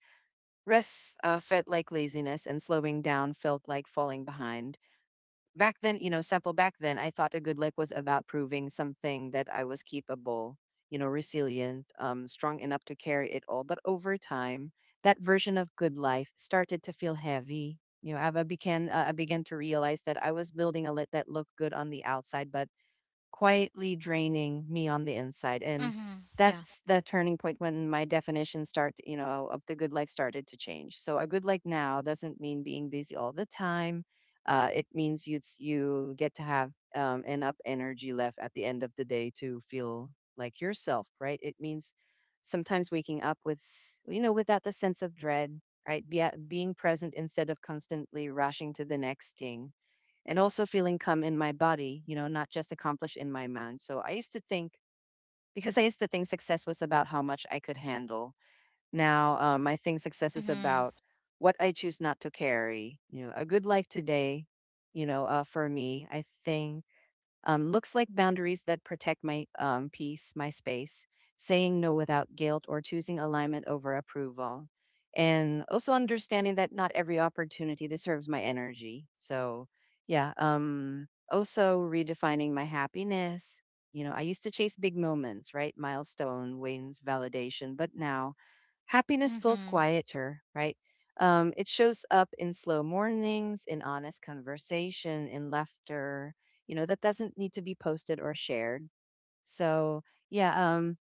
rest felt like laziness, and slowing down felt like falling behind back then. You know, sample Back then, I thought a good leg was about proving something, that I was capable, you know, resilient, strong enough to carry it all. But over time, that version of good life started to feel heavy. You know, I began to realize that I was building a lit that looked good on the outside, but quietly draining me on the inside. And Mm-hmm. Yeah. that's the turning point when my definition of the good life started to change. So a good life now doesn't mean being busy all the time. It means you get to have enough energy left at the end of the day to feel like yourself, right? It means sometimes waking up without the sense of dread, right? Being present instead of constantly rushing to the next thing, and also feeling calm in my body, you know, not just accomplished in my mind. So I used to think, because I used to think success was about how much I could handle. Now I think success is Mm-hmm. about what I choose not to carry. You know, a good life today, for me, I think looks like boundaries that protect my peace, my space, saying no without guilt, or choosing alignment over approval. And also understanding that not every opportunity deserves my energy. So, yeah. Also redefining my happiness. You know, I used to chase big moments, right? Milestone, wins, validation. But now happiness feels Mm-hmm. quieter, right? It shows up in slow mornings, in honest conversation, in laughter, you know, that doesn't need to be posted or shared. So yeah.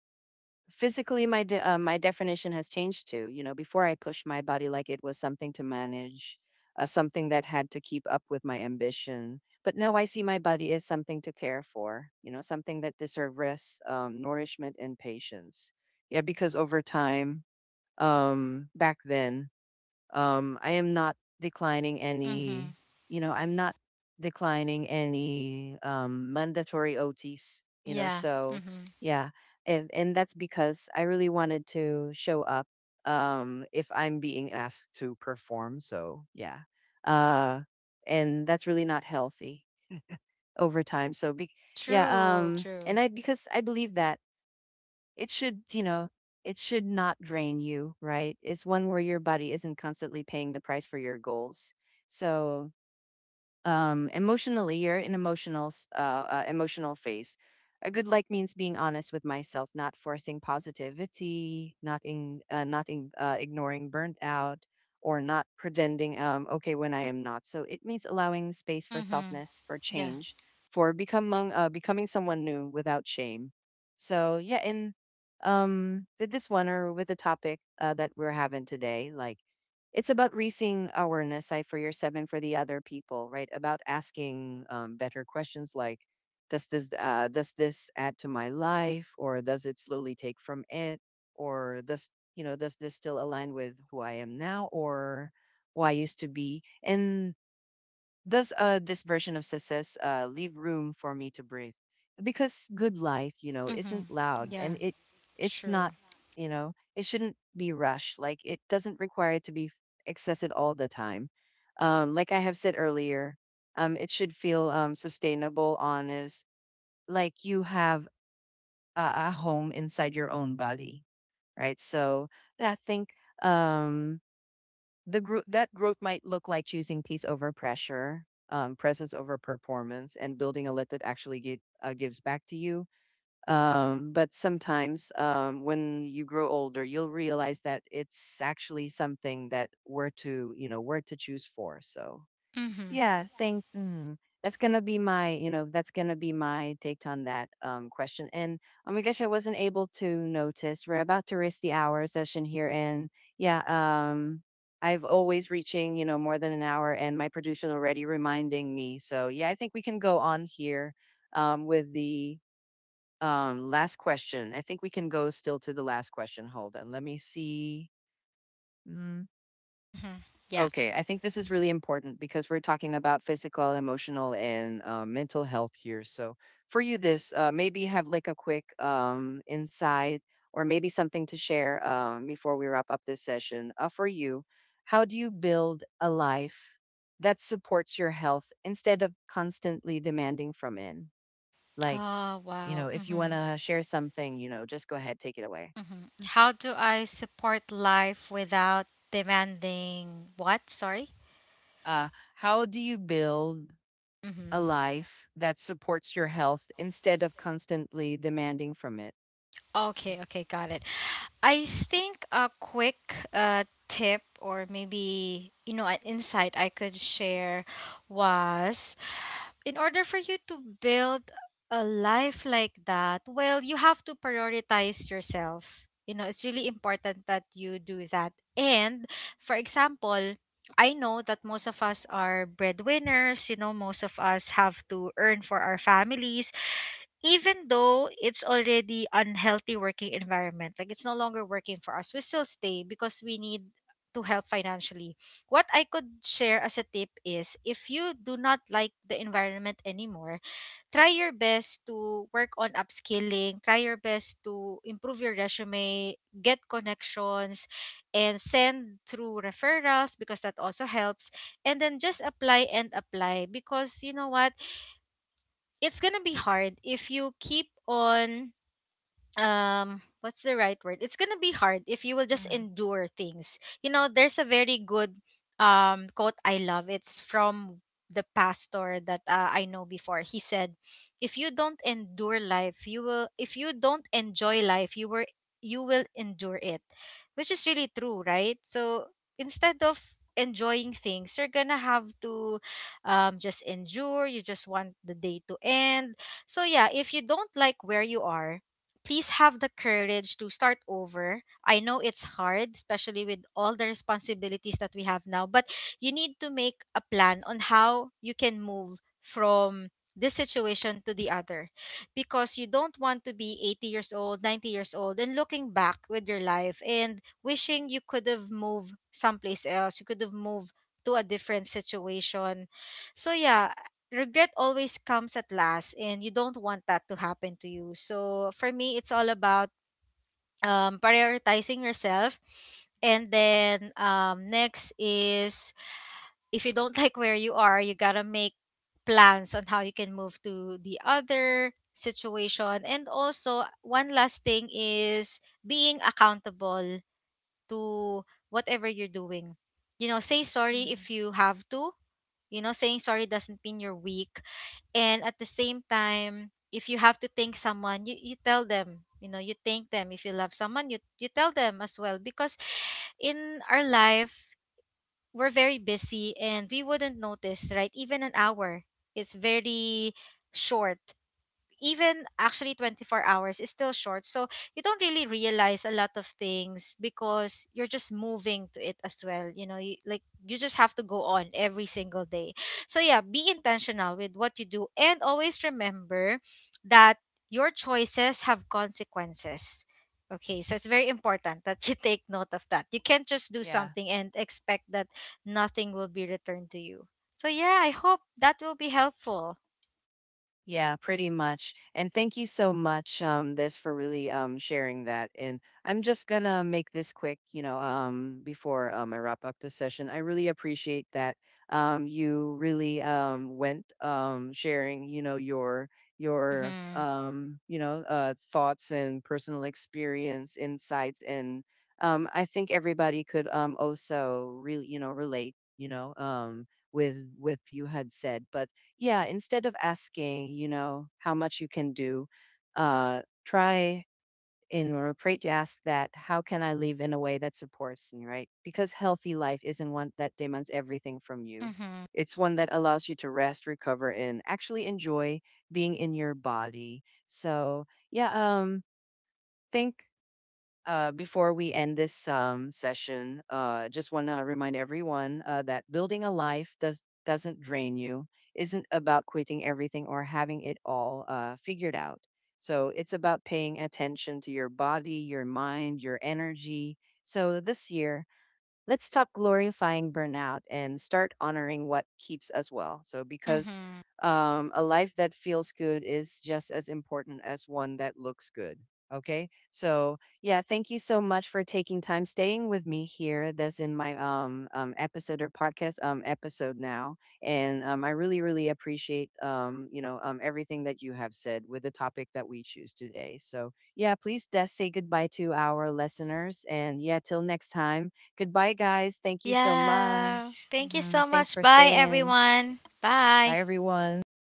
Physically my definition has changed too. You know, before, I pushed my body like it was something to manage, something that had to keep up with my ambition. But now I see my body as something to care for, you know, something that deserves rest, nourishment, and patience. Yeah, because over time, back then, I am not declining Mm-hmm. You know, I'm not declining any mandatory OTs, you know, Yeah. so Mm-hmm. yeah. And that's because I really wanted to show up, if I'm being asked to perform. So yeah. Uh, and that's really not healthy over time. So yeah. True, true. And I, because I believe that it should, you know, it should not drain you, right? It's one where your body isn't constantly paying the price for your goals. So emotionally, you're in emotional emotional phase. A good like means being honest with myself, not forcing positivity, not in, ignoring burnt out, or not pretending okay when I am not. So it means allowing space for Mm-hmm. softness, for Yeah. change, for becoming someone new without shame. So yeah, in with this one, or with the topic that we're having today, like it's about raising awareness, I for yourself and for the other people, right? About asking better questions like, does this add to my life, or does it slowly take from it, or does, you know, does this still align with who I am now, or who I used to be? And does this version of success leave room for me to breathe? Because good life, you know, Mm-hmm. isn't loud, and Yeah, it's not. true. You know, it shouldn't be rushed. Like it doesn't require it to be accessed all the time. Like I have said earlier, it should feel sustainable, honest, like you have a home inside your own body, right? So I think um, the growth might look like choosing peace over pressure, presence over performance, and building a let that actually gives back to you. But sometimes, when you grow older, you'll realize that it's actually something that we're to, you know, we're to choose for. So Mm-hmm. yeah, think that's gonna be my, you know, that's gonna be my take on that question. And oh my gosh, I wasn't able to notice. We're about to race the hour session here, and yeah, I've always reaching, you know, more than an hour, and my producer already reminding me. So yeah, I think we can go on here with the last question. I think we can go still to the last question. Hold on, let me see. Mm-hmm. Yeah. Okay, I think this is really important because we're talking about physical, emotional, and mental health here. So, for you, this maybe have like a quick insight or maybe something to share before we wrap up this session. For you, how do you build a life that supports your health instead of constantly demanding from it? Like, Oh, you know, wow. if you want Mm-hmm. to share something, you know, just go ahead, take it away. Mm-hmm. How do I support life without demanding what? Sorry? Uh, how do you build a Mm-hmm. life that supports your health instead of constantly demanding from it? Okay, okay, got it. I think a quick tip, or maybe, you know, an insight I could share was, in order for you to build a life like that, well, you have to prioritize yourself. You know, it's really important that you do that. And for example, I know that most of us are breadwinners, you know, most of us have to earn for our families. Even though it's already unhealthy working environment, like it's no longer working for us, we still stay because we need to help financially. What I could share as a tip is, if you do not like the environment anymore, try your best to work on upskilling, try your best to improve your resume, get connections, and send through referrals because that also helps. And then just apply and apply, because you know what, it's gonna be hard if you keep on what's the right word, it's gonna be hard if you will just Mhm. endure things. You know, there's a very good quote I love, it's from the pastor that I know before. He said, if you don't enjoy life, you will endure it, which is really true, right? So instead of enjoying things, you're gonna have to just endure, you just want the day to end. So yeah, if you don't like where you are, please have the courage to start over. I know it's hard, especially with all the responsibilities that we have now, but you need to make a plan on how you can move from this situation to the other, because you don't want to be 80 years old, 90 years old, and looking back with your life and wishing you could have moved someplace else, you could have moved to a different situation. So, yeah, regret always comes at last and you don't want that to happen to you. So for me, it's all about prioritizing yourself. And then next is, if you don't like where you are, you gotta make plans on how you can move to the other situation. And also one last thing is being accountable to whatever you're doing. You know, say sorry if you have to. You know, saying sorry doesn't mean you're weak. And at the same time, if you have to thank someone, you tell them, you know, you thank them. If you love someone, you tell them as well, because in our life, we're very busy and we wouldn't notice, right? Even an hour, it's very short. Even actually 24 hours is still short. So you don't really realize a lot of things because you're just moving to it as well. You know, like you just have to go on every single day. So yeah, be intentional with what you do and always remember that your choices have consequences. Okay, so it's very important that you take note of that. You can't just do Yeah. something and expect that nothing will be returned to you. So yeah, I hope that will be helpful. Yeah, pretty much. And thank you so much, this for really sharing that. And I'm just gonna make this quick, you know, before I wrap up the session. I really appreciate that you really went sharing, you know, your Hmm. You know, thoughts and personal experience, insights, and I think everybody could also really, you know, relate, you know, with you had said. But yeah, instead of asking, you know, how much you can do, try in a rephrase to ask that, how can I live in a way that supports me, right? Because healthy life isn't one that demands everything from you. Hmm. It's one that allows you to rest, recover, and actually enjoy being in your body. So yeah, think before we end this session, just want to remind everyone that building a life does doesn't drain you. Isn't about quitting everything or having it all figured out. So it's about paying attention to your body, your mind, your energy. So this year, let's stop glorifying burnout and start honoring what keeps us well. So, because Mm-hmm. A life that feels good is just as important as one that looks good. Okay. So, yeah, thank you so much for taking time staying with me here. That's in my episode or podcast episode now, and I really really appreciate you know everything that you have said with the topic that we choose today. So, yeah, please just say goodbye to our listeners, and yeah, till next time. Goodbye, guys. Thank you so Yeah. much. Thank you so Thanks much. for Bye, staying. everyone. Bye. Bye, everyone.